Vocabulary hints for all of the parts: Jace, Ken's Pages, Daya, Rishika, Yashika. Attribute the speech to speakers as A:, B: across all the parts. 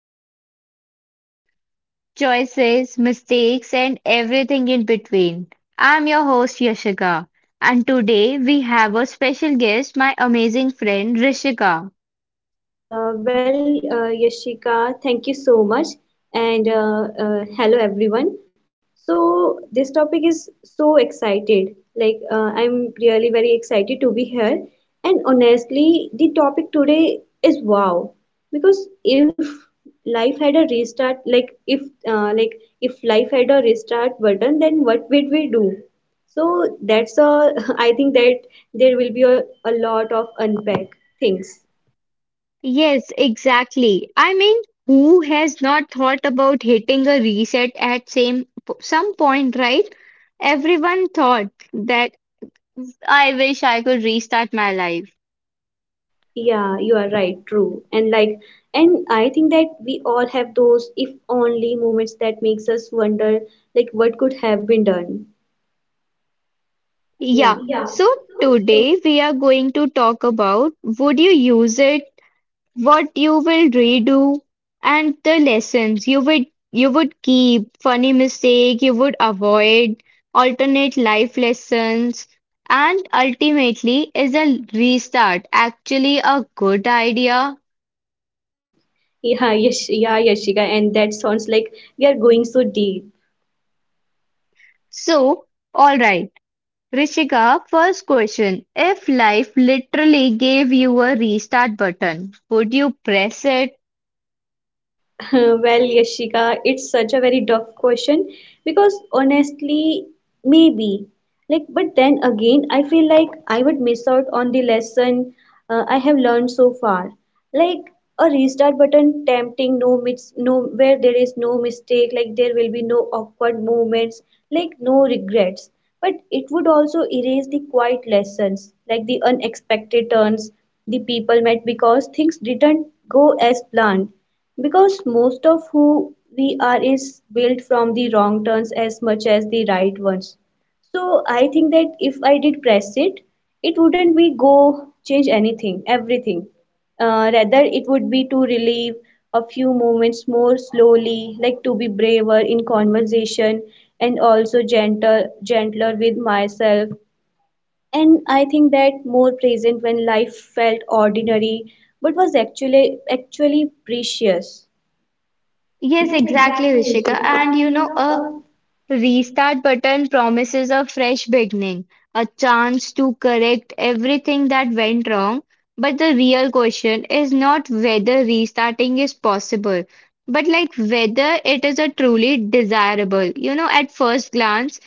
A: Deep into life, choices, mistakes, and everything in between. I'm your host Yashika, and today we have a special guest, my amazing friend Rishika.
B: Yashika, thank you so much. And hello, everyone. So, this topic is so excited. I'm really very excited to be here. And honestly, the topic today is wow. Because if life had a restart, uh, like, if life had a restart button, then what would we do? So, that's I think that there will be a lot of unpack things.
A: Yes, exactly. I mean, who has not thought about hitting a reset at same some point, right? Everyone thought that I wish I could restart my life.
B: Yeah, you are right, true. And I think that we all have those if only moments that makes us wonder like what could have been done. Yeah.
A: Yeah.
B: Yeah.
A: So today we are going to talk about would you use it, what you will redo, and the lessons you would keep, funny mistake you would avoid, alternate life lessons, and ultimately is a restart actually a good idea?
B: Yeah, yes, yeah, Yashika, and that sounds like we are going so deep.
A: So, all right. Rishika, first question: if life literally gave you a restart button, would you press it?
B: Well, Yashika, it's such a very tough question because honestly, maybe. Like, but then again, I feel like I would miss out on the lesson I have learned so far. Like, a restart button tempting, no, where there is no mistake, like there will be no awkward moments, like no regrets. But it would also erase the quiet lessons, like the unexpected turns, the people met because things didn't go as planned, because most of who we are is built from the wrong turns as much as the right ones. So I think that if I did press it, it wouldn't be go change anything, everything. Rather, it would be to relieve a few moments more slowly, like to be braver in conversation and also gentler with myself. And I think that more present when life felt ordinary, but was actually precious.
A: Yes,
B: Yes,
A: exactly,
B: exactly,
A: Rishika.
B: Rishika.
A: And you know, a restart button promises a fresh beginning, a chance to correct everything that went wrong. But the real question is not whether restarting is possible, but like whether it is a truly desirable. You know, at first glance,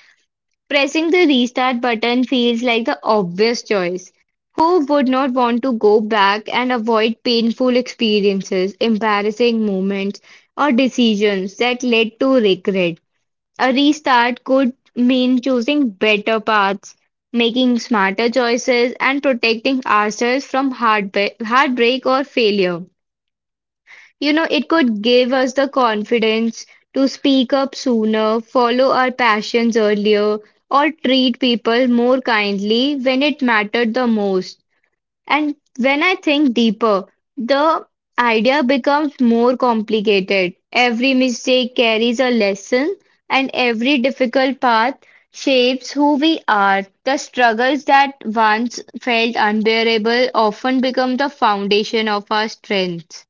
A: pressing the restart button feels like the obvious choice. Who would not want to go back and avoid painful experiences, embarrassing moments, or decisions that led to regret? A restart could mean choosing better paths, making smarter choices, and protecting ourselves from heartbreak or failure. You know, it could give us the confidence to speak up sooner, follow our passions earlier, or treat people more kindly when it mattered the most. And when I think deeper, the idea becomes more complicated. Every mistake carries a lesson, and every difficult path shapes who we are. The struggles that once felt unbearable often become the foundation of our strength.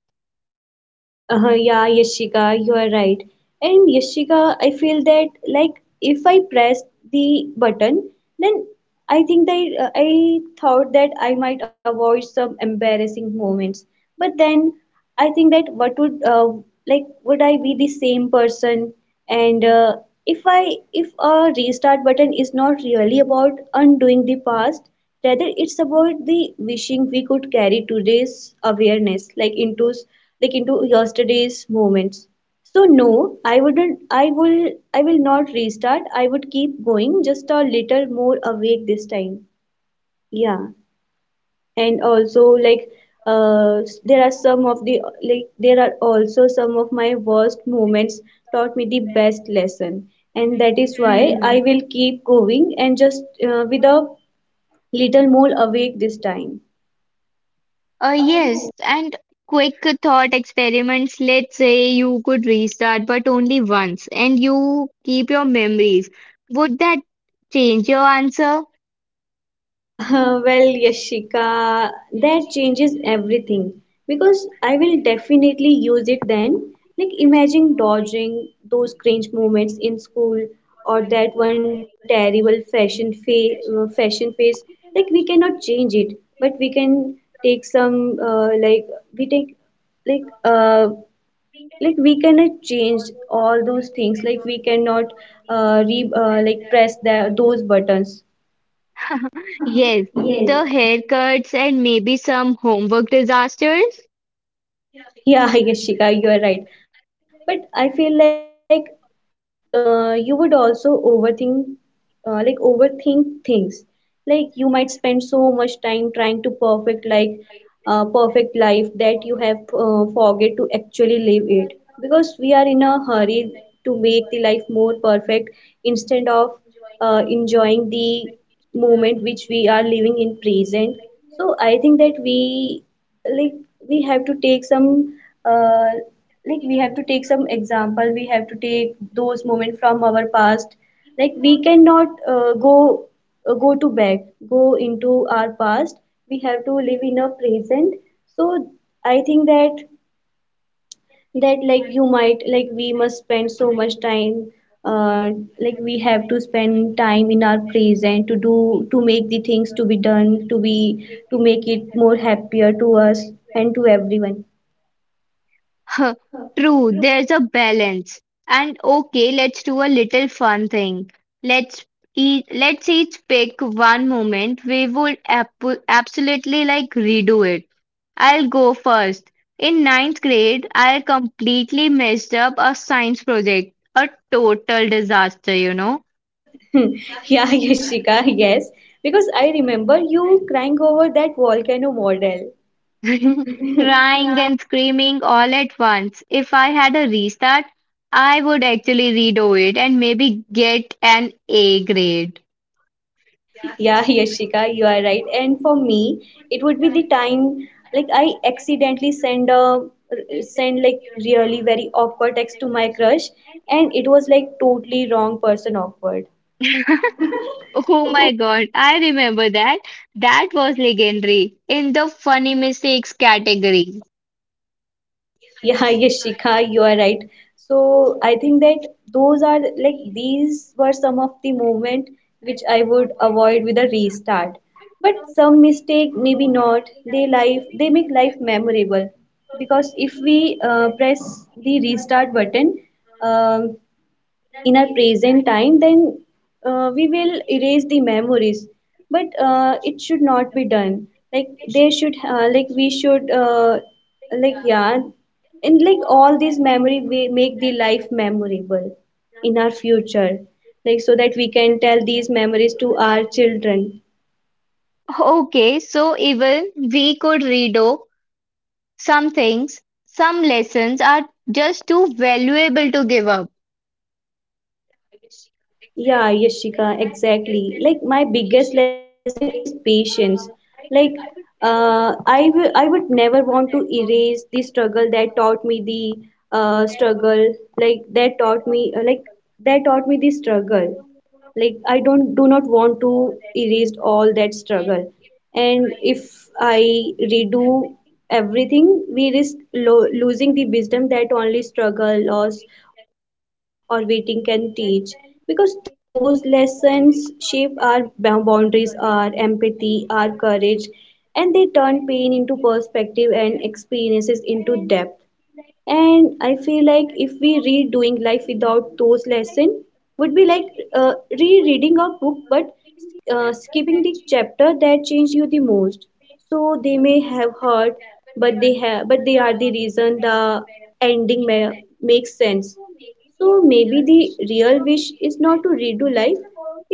B: Uh-huh, yeah, Yashika, you are right. And Yashika, I feel that like if I press the button, then I think that I thought that I might avoid some embarrassing moments. But then I think that what would like would I be the same person? And if a restart button is not really about undoing the past, rather it's about the wishing we could carry today's awareness like into yesterday's moments. So no, i wouldn't i will I will not restart. I would keep going just a little more awake this time. Yeah. And also like, there are some of the, like there are also some of my worst moments taught me the best lesson. And that is why I will keep going and just with a little more awake this time.
A: Uh,
B: Yes.
A: yes, and quick thought experiments. Let's say you could restart, but only once, and you keep your memories. Would that change your answer?
B: Well, Yashika, that changes everything because I will definitely use it then. Like, imagine dodging those cringe moments in school or that one terrible fashion phase. Like, we cannot change it, but we can take some we take like uh like we cannot change all those things. Like, we cannot like press those buttons.
A: Yes,
B: Yes.
A: the haircuts and maybe some homework disasters.
B: Yeah, Yashika, you are right. But I feel like you would also overthink, like overthink things. Like you might spend so much time trying to perfect, like perfect life that you have forget to actually live it. Because we are in a hurry to make the life more perfect instead of enjoying the moment which we are living in present. So I think that we like we have to take some uh, like we have to take some example, we have to take those moments from our past. Like we cannot go to back, go into our past. We have to live in a present. So I think that like you might like we must spend so much time, uh, like we have to spend time in our present to do to make the things to be done to be to make it more happier to us and to everyone.
A: Huh, True, there's a balance. And okay, let's do a little fun thing. Let's let's each pick one moment we would ab absolutely like redo it. I'll go first. In ninth grade, I completely messed up a science project. A total disaster, you know.
B: Hmm. Yeah, Yashika, yes. Because I remember you crying over that volcano model.
A: Crying and screaming all at once. If I had a restart, I would actually redo it and maybe get an A grade.
B: Yeah, Yashika, you are right. And for me, it would be the time like I accidentally send like really very awkward text to my crush, and it was like totally wrong person awkward.
A: Oh my God, I remember that. That was legendary in the funny mistakes category.
B: Yeah, Yashika, you are right. So I think that those are like these were some of the movement which I would avoid with a restart. But some mistake, maybe not. They life they make life memorable, because if we press the restart button, um in our present time, then we will erase the memories. But it should not be done. Like they should like we should yeah, and like all these memory we make the life memorable in our future, like so that we can tell these memories to our children.
A: Okay, so even we could redo some things, some lessons are just too valuable to give up.
B: Yeah, Yashika, exactly. Like my biggest lesson is patience. Like I would never want to erase the struggle that taught me the struggle. Like that taught me that taught me the struggle. Like I don't do not want to erase all that struggle. And if I redo everything, we risk losing the wisdom that only struggle, loss or waiting can teach, because those lessons shape our boundaries, our empathy, our courage, and they turn pain into perspective and experiences into depth. And I feel like if we redoing life without those lesson would be like uh, rereading a book but skipping the chapter that changed you the most. So they may have hurt, but they have but they are the reason the ending makes sense. So maybe the real wish is not to redo life.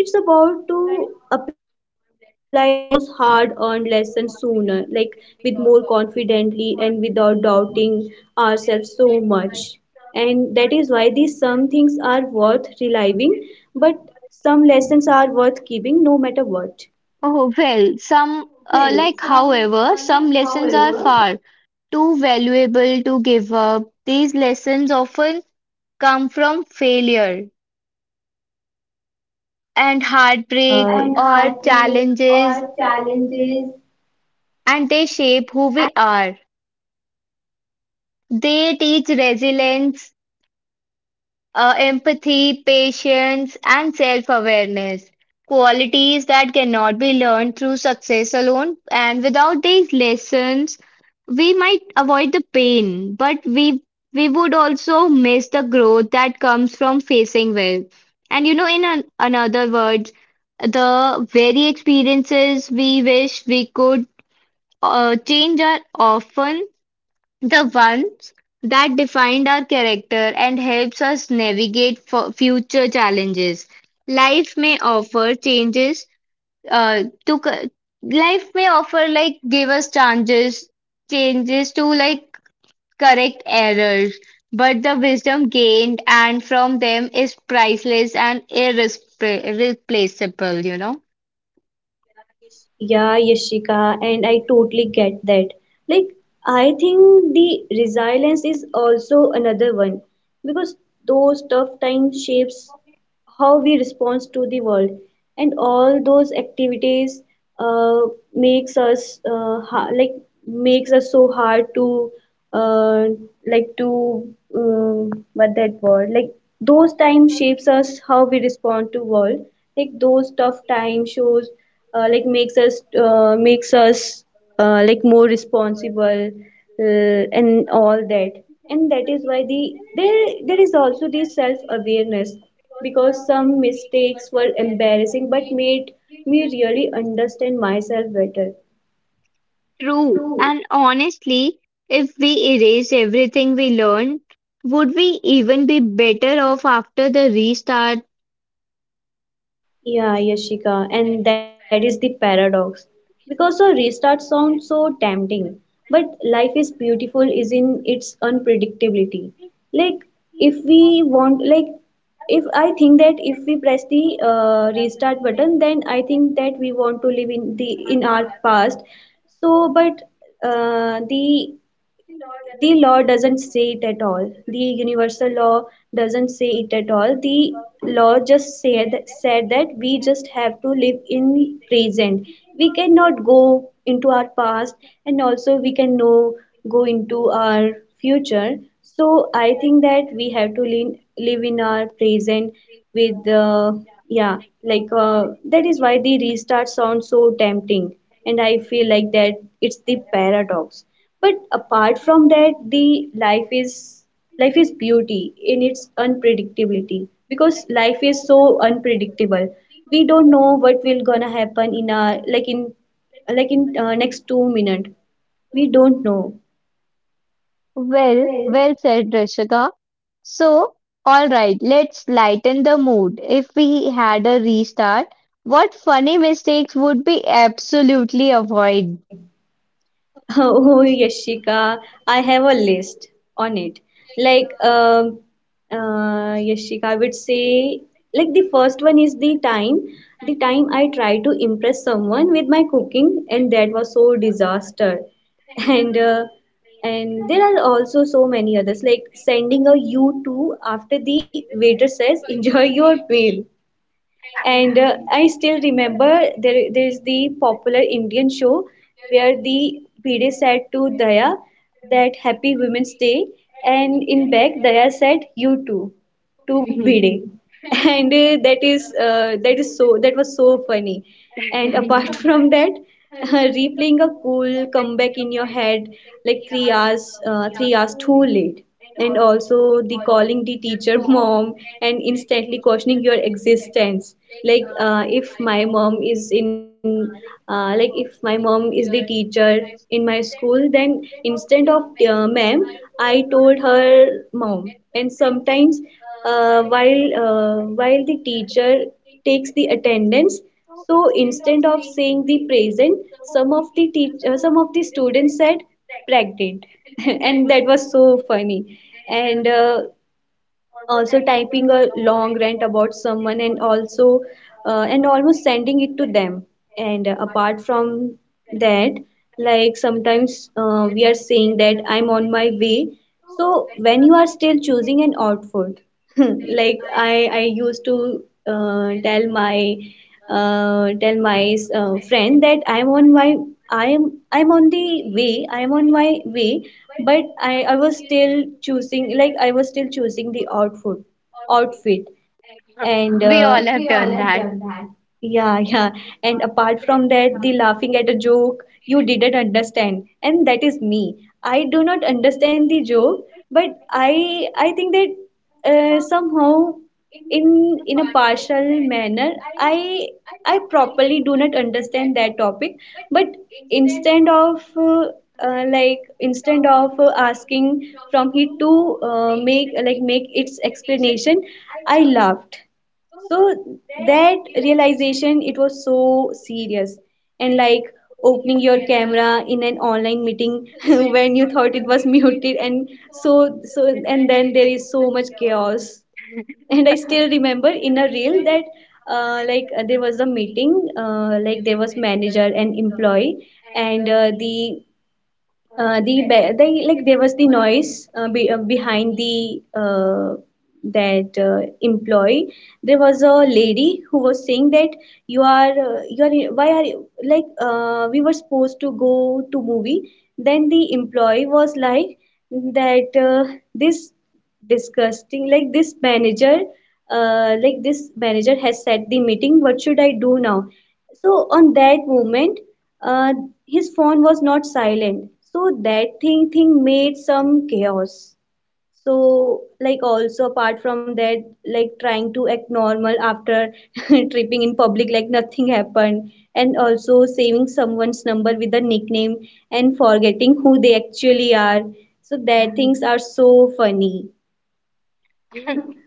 B: It's about to apply those hard earned lessons sooner, like with more confidently and without doubting ourselves so much. And that is why these some things are worth reliving, but some lessons are worth keeping no matter what.
A: Oh, well, some,
B: Well,
A: uh, like,
B: some
A: however,
B: like
A: some lessons
B: However,
A: are far too valuable to give up. These lessons often come from failure and
B: And
A: heartbreak or
B: heartbreak or
A: challenges,
B: challenges.
A: and they shape who we are. They teach resilience, empathy, patience, and self-awareness. Qualities that cannot be learned through success alone. And without these lessons, we might avoid the pain, but we would also miss the growth that comes from facing well. And you know, in another words, the very experiences we wish we could change are often the ones that defined our character and helps us navigate future challenges. Life may offer changes uh, to c- life may offer like give us changes changes to like correct errors, but the wisdom gained and from them is priceless and irreplaceable, you know.
B: Yeah, Yashika, and I totally get that. Like, I think the resilience is also another one, because those tough times shapes how we respond to the world, and all those activities uh, makes us like makes us so hard to uh, like to what that word like those times shapes us how we respond to world. Like those tough times shows makes us like more responsible, and all that. And that is why there there is also the self awareness, because some mistakes were embarrassing but made me really understand myself better.
A: True. And honestly, if we erased everything we learned, would we even be better off after the restart?
B: Yeah, Yashika, and that is the paradox. Because a restart sounds so tempting, but life is beautiful is in its unpredictability. Like if we want, like if I think that if we press the restart button, then I think that we want to live in the in our past. So, but uh, the the law doesn't say it at all. The universal law doesn't say it at all. The law just said that we just have to live in present. We cannot go into our past, and also we can no go into our future. So I think that we have to live in our present with yeah, like that is why the restart sounds so tempting. And I feel like that it's the paradox. But apart from that, the life is beauty in its unpredictability, because life is so unpredictable. We don't know what will gonna happen in a like in next 2 minute. We don't know.
A: Well, well said, Rishika. So, all right, let's lighten the mood. If we had a restart, what funny mistakes would we absolutely avoid?
B: Oh, Yashika, I have a list on it. Like, Yashika, I would say, like, the first one is the time I tried to impress someone with my cooking, and that was so disaster. And uh, and there are also so many others, like sending a you to after the waiter says, enjoy your meal. And uh, i still remember there is the popular Indian show where the bide said to Daya that happy Women's Day, and in back Daya said you too to bide. And that is so that was so funny. And apart from that, replaying a cool comeback in your head like 3 hours 3 hours too late. And also the calling the teacher mom and instantly questioning your existence. Like if my mom is in like if my mom is the teacher in my school, then instead of ma'am, I told her mom. And sometimes while the teacher takes the attendance, so instead of saying the present, some of the students said pregnant. And that was so funny. And Also typing a long rant about someone, and also and almost sending it to them. And Apart from that, like sometimes we are saying that I'm on my way, so when you are still choosing an outfit. Like I used to tell my friend that I'm on my, I'm on the way, I'm on my way, but I was still choosing, like I was still choosing the outfit. And
A: We
B: We
A: all
B: all
A: have
B: have
A: done
B: done
A: that.
B: that. Yeah, yeah. And apart from that, the laughing at a joke you didn't understand, and that is me. I do not understand the joke, but I think that somehow, in a partial manner, I properly do not understand that topic. But instead of asking from he to make its explanation, I laughed. So that realization, it was so serious. And like opening your camera in an online meeting when you thought it was muted, and so and then there is so much chaos. And I still remember in a reel that there was a meeting. Like there was manager and employee, and there was the noise behind the that employee. There was a lady who was saying that you are, why are you, we were supposed to go to movie. Then the employee was like that, this disgusting, like this manager, this manager has set the meeting, what should I do now. So on that moment, uh, his phone was not silent, so that thing made some chaos. So like also apart from that, like trying to act normal after tripping in public like nothing happened, and also saving someone's number with a nickname and forgetting who they actually are. So that things are so funny.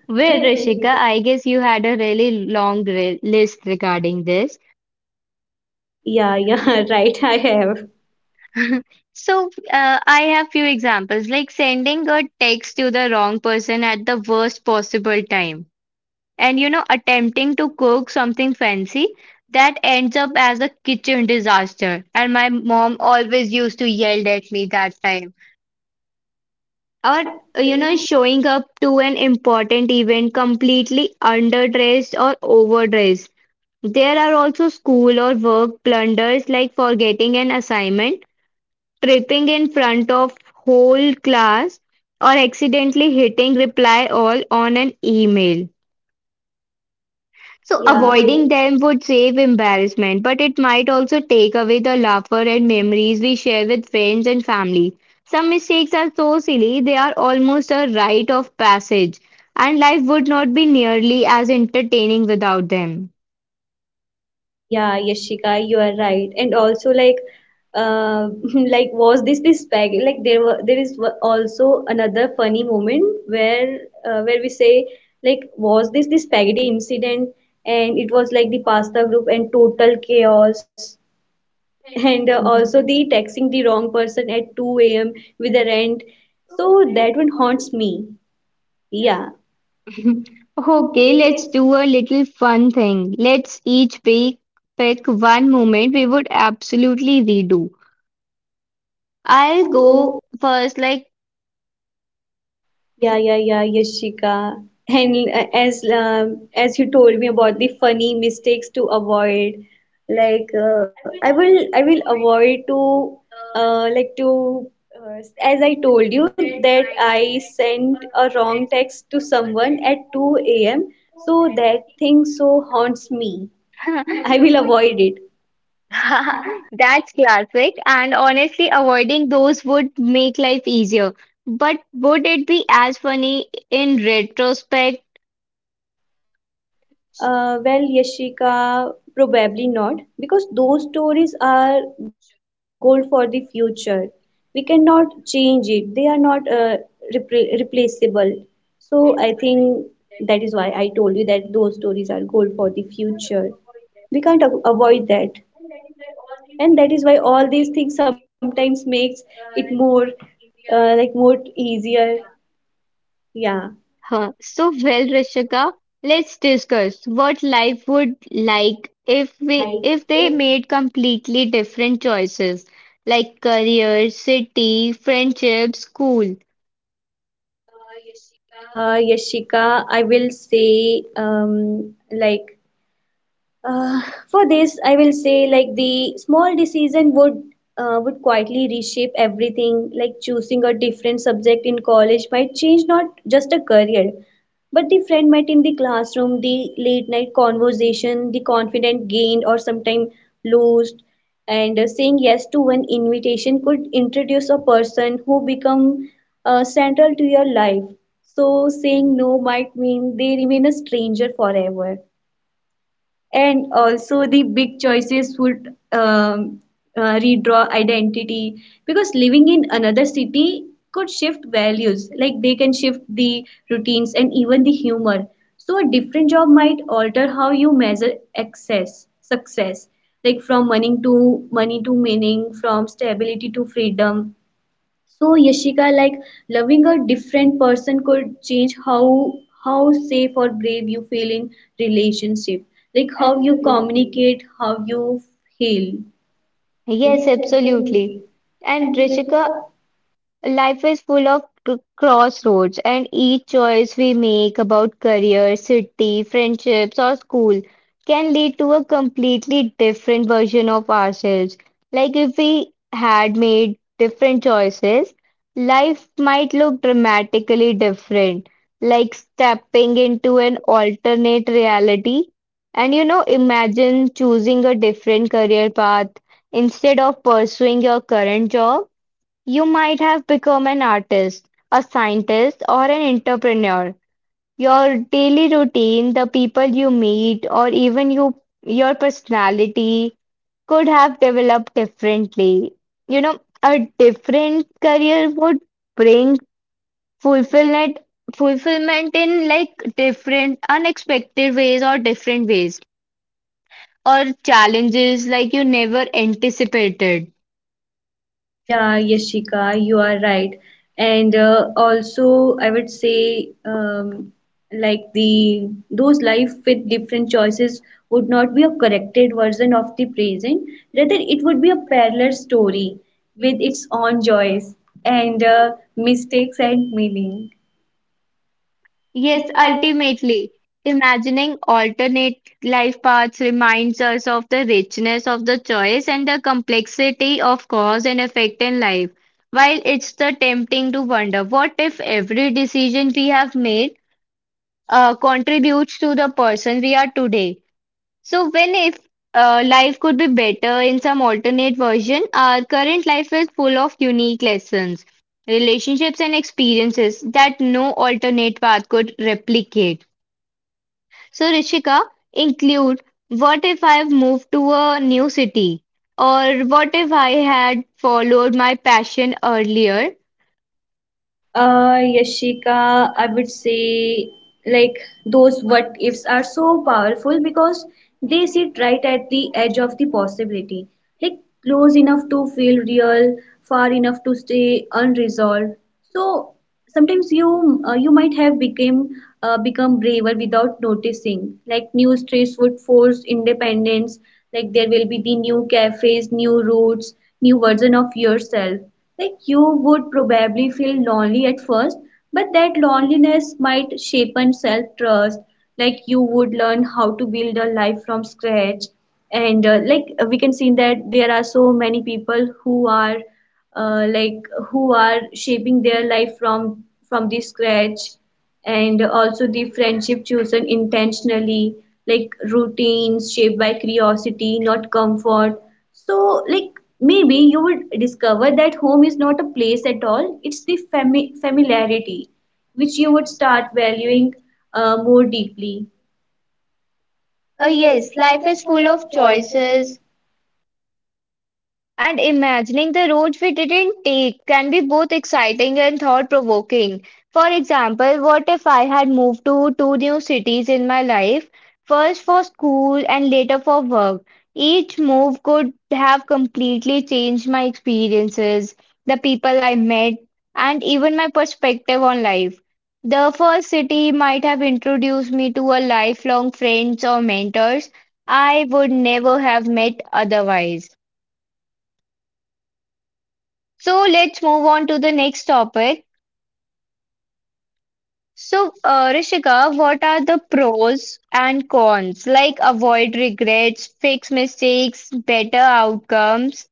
A: Well,
B: Where
A: Rishika,
B: Rishika?
A: I guess you had a really long re list regarding this.
B: Yeah, yeah, right. I have.
A: So, I have few examples, like sending a text to the wrong person at the worst possible time, and you know, attempting to cook something fancy that ends up as a kitchen disaster. And my mom always used to yell at me that time. Or,
B: Or
A: you
B: you
A: know,
B: know,
A: showing up to an important event completely underdressed or overdressed. There are also school or work blunders like forgetting an assignment, tripping in front of whole class, or accidentally hitting reply all on an email. So
B: yeah,
A: avoiding
B: avoiding.
A: them would save embarrassment, but it might also take away the laughter and memories we share with friends and family. Some mistakes are so silly they are almost a rite of passage, and life would not be nearly as entertaining without them.
B: Yeah, Yashika, you are right. And also like uh, like was this bag, like there were, also another funny moment where we say, like was this spaghetti incident, and it was like the pasta group and total chaos. and Also the texting the wrong person at 2 a.m. with the rent, so that one haunts me. Yeah,
A: Okay,
B: okay,
A: let's
B: let's.
A: do a little fun thing. Let's each pick one moment we would absolutely redo. I'll
B: I'll go.
A: go first, like
B: Yeah, yeah, yeah, Yashika. And as you told me about the funny mistakes to avoid, I will avoid to uh, like to as I told you that I sent a wrong text to someone at 2 a.m. So that thing so haunts me. I will avoid it.
A: that's classic, and honestly, avoiding those would make life easier. But would it be as funny in retrospect?
B: Well, Yashika, probably not, because those stories are gold for the future. We cannot change it. They are not replaceable. So I think that is why I told you that those stories are gold for the future. We can't avoid that, and that is why all these things sometimes makes it more, more easier. Yeah.
A: Huh. So, well, Rishika, let's discuss what life would like if we if they made completely different choices like career, city, friendship, school.
B: Yashika, I will say uh, for this, I will say like the small decision would quietly reshape everything. Like choosing a different subject in college might change not just a career, but the friend met in the classroom, the late night conversation, the confident gained or sometimes lost. And Saying yes to one invitation could introduce a person who become central to your life. So saying no might mean they remain a stranger forever. And also the big choices would redraw identity, because living in another city could shift values, like they can shift the routines and even the humor. So a different job might alter how you measure access, success, like from money to money to meaning, from stability to freedom. So Yashika, like loving a different person could change how safe or brave you feel in relationship, like how you communicate, how you heal.
A: Yes,
B: Yes,
A: absolutely.
B: absolutely.
A: And Rishika, life is full of crossroads, and each choice we make about career, city, friendships, or school can lead to a completely different version of ourselves. Like if we had made different choices, life might look dramatically different, like stepping into an alternate reality. And you know, imagine choosing a different career path instead of pursuing your current job you might have become an artist, a scientist, or an entrepreneur. Your daily routine, the people you meet, or even you, your personality could have developed differently. You know, a different career would bring fulfillment, fulfillment in like different, unexpected ways or different ways, or challenges like you never anticipated.
B: Yeah, Yashika, you are right. And Also, I would say, like the, those life with different choices would not be a corrected version of the present. Rather, it would be a parallel story with its own joys and mistakes and meaning.
A: Yes,
B: Yes, I.
A: ultimately, imagining alternate life paths reminds us of the richness of the choice and the complexity of cause and effect in life. While it's the tempting to wonder, what if every decision we have made contributes to the person we are today? So, when if life could be better in some alternate version, our current life is full of unique lessons, relationships, and experiences that no alternate path could replicate. So, Rishika, include what if I've moved to a new city? Or what if I had followed my passion earlier?
B: Yashika, I would say like those what ifs are so powerful because they sit right at the edge of the possibility, like close enough to feel real, far enough to stay unresolved. So sometimes you might have become become braver without noticing, like new streets would force independence, like there will be the new cafes, new routes, new version of yourself. Like you would probably feel lonely at first, but that loneliness might shape and self trust. Like you would learn how to build a life from scratch. And Like we can see that there are so many people who are uh, like who are shaping their life from the scratch. And also the friendship chosen intentionally, like routines shaped by curiosity not comfort. So like maybe you would discover that home is not a place at all, it's the familiarity which you would start valuing more deeply.
A: Ah
B: Yes,
A: yes,
B: life
A: life
B: is
A: is
B: full
A: full
B: of
A: of
B: choices.
A: choices. And imagining the roads we didn't take can be both exciting and thought-provoking. For example, what if I had moved to two new cities in my life, first for school and later for work? Each move could have completely changed my experiences, the people I met, and even my perspective on life. The first city might have introduced me to a lifelong friends or mentors I would never have met otherwise. So let's move on to the next topic. So, Rishika, what are the pros and cons? Like avoid regrets, fix mistakes, better outcomes.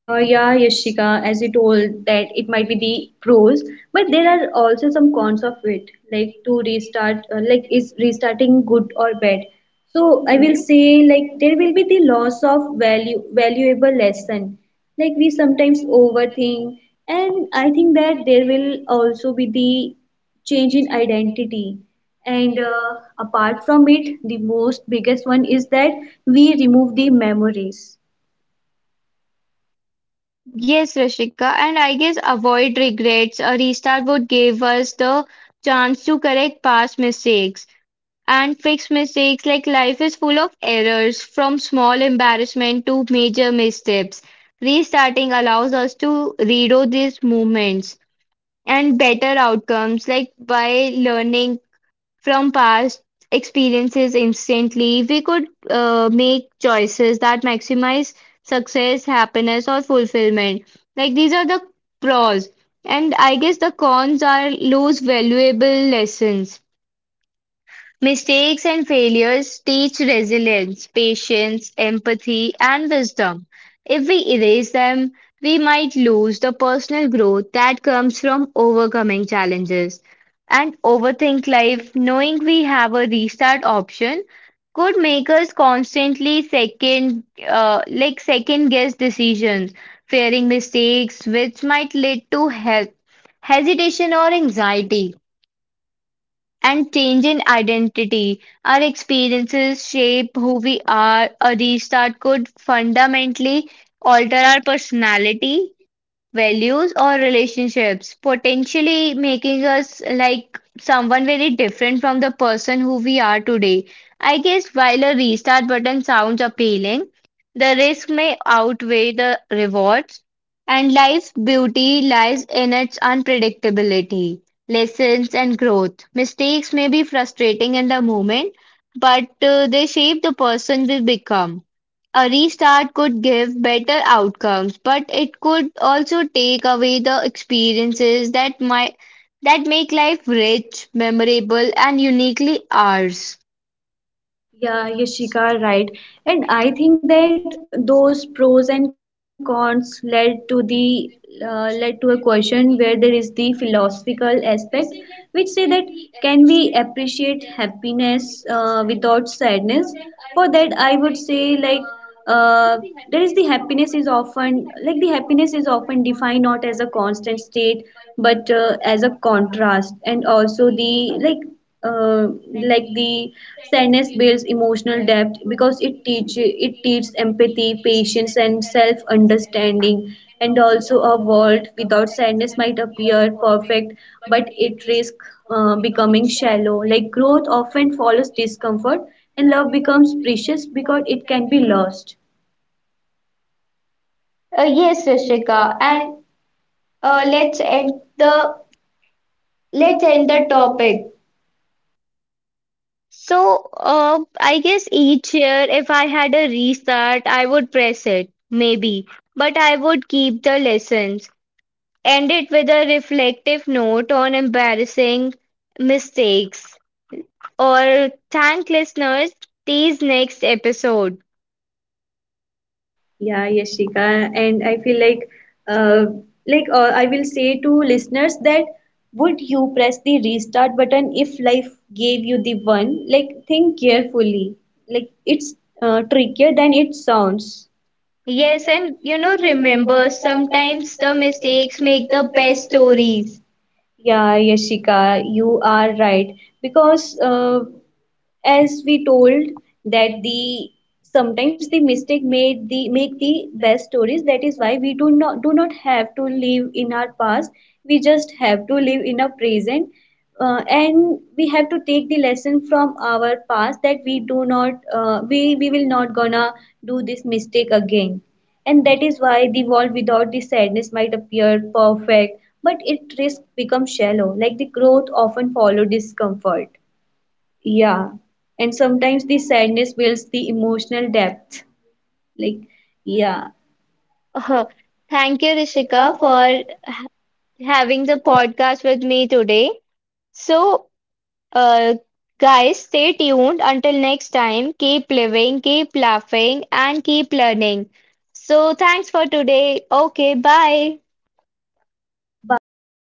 B: Yeah, Yashika, as you told that it might be the pros, but there are also some cons of it. Like to restart, like is restarting good or bad? So I will say like there will be the loss of value, valuable lesson. Like we sometimes overthink, and I think that there will also be the change in identity. And Apart from it, the most biggest one is that we remove the memories.
A: Yes, Rishika, and I guess avoid regrets. A restart would give us the chance to correct past mistakes and fix mistakes. Like life is full of errors, from small embarrassment to major missteps. Restarting allows us to redo these moments. And better outcomes. Like by learning from past experiences instantly, we could make choices that maximize success, happiness, or fulfillment. Like these are the pros, and I guess the cons are lose valuable lessons. Mistakes and failures teach resilience, patience, empathy, and wisdom. If we erase them, we might lose the personal growth that comes from overcoming challenges. And overthink life, knowing we have a restart option, could make us constantly second guess decisions, fearing mistakes, which might lead to hesitation or anxiety and change in identity. Our experiences shape who we are. A restart could fundamentally alter our personality values or relationships, potentially making us like someone very different from the person who we are today. I guess while a restart button sounds appealing, the risk may outweigh the rewards, and life's beauty lies in its unpredictability, lessons, and growth. Mistakes may be frustrating in the moment, but they shape the person we become. A restart could give better outcomes, but it could also take away the experiences that make life rich, memorable, and uniquely ours.
B: Yeah, Yashika, right. And I think that those pros and cons led to the led to a question where there is the philosophical aspect, which say that, can we appreciate happiness without sadness? For that, I would say uh, there is the happiness is often, like the happiness is often defined not as a constant state but as a contrast. And also the like uh, like the sadness builds emotional depth because it teach it teaches empathy, patience, and self understanding. And also, a world without sadness might appear perfect, but it risks becoming shallow. Like growth often follows discomfort, and love becomes precious because it can be lost.
A: Uh,
B: Yes,
A: yes, Rishika,
B: Yashika,
A: and
B: and
A: uh,
B: uh,
A: let's
B: let's
A: end
B: end
A: the
B: the
A: let's
B: let's
A: end
B: end the
A: the
B: topic.
A: topic. So, I guess each year, if I had a restart, I would press it, maybe, but I would keep the lessons. End it with a reflective note on embarrassing mistakes or thank listeners these next episode.
B: Yeah, Yashika, and I feel like, uh, I will say to listeners that, would you press the restart button if life gave you the one? Like, think carefully. Like, it's trickier than it sounds. Yes,
A: Yes,
B: and
A: and
B: you
A: you
B: know,
A: know,
B: remember,
A: remember
B: sometimes
A: sometimes the
B: the mistakes
A: mistakes
B: make
A: make
B: the
A: the best
B: best stories.
A: stories.
B: Yeah, Yashika, you are right. Because as we told that the sometimes the mistake made the make the best stories, that is why we do not have to live in our past, we just have to live in our present. And we have to take the lesson from our past that we do not we we will not gonna do this mistake again. And that is why the world without the sadness might appear perfect, but it risk becomes shallow, like the growth often follow discomfort. Yeah, and sometimes the sadness builds the emotional depth. Like, yeah.
A: Uh,
B: Thank
A: thank
B: you,
A: you, Rishika,
B: Rishika, for
A: for having
B: having
A: the
B: the podcast.
A: podcast with me today. So, uh, guys, stay tuned until next time. Keep living, keep laughing, and keep learning. So, thanks for today. Okay, bye.
B: Bye.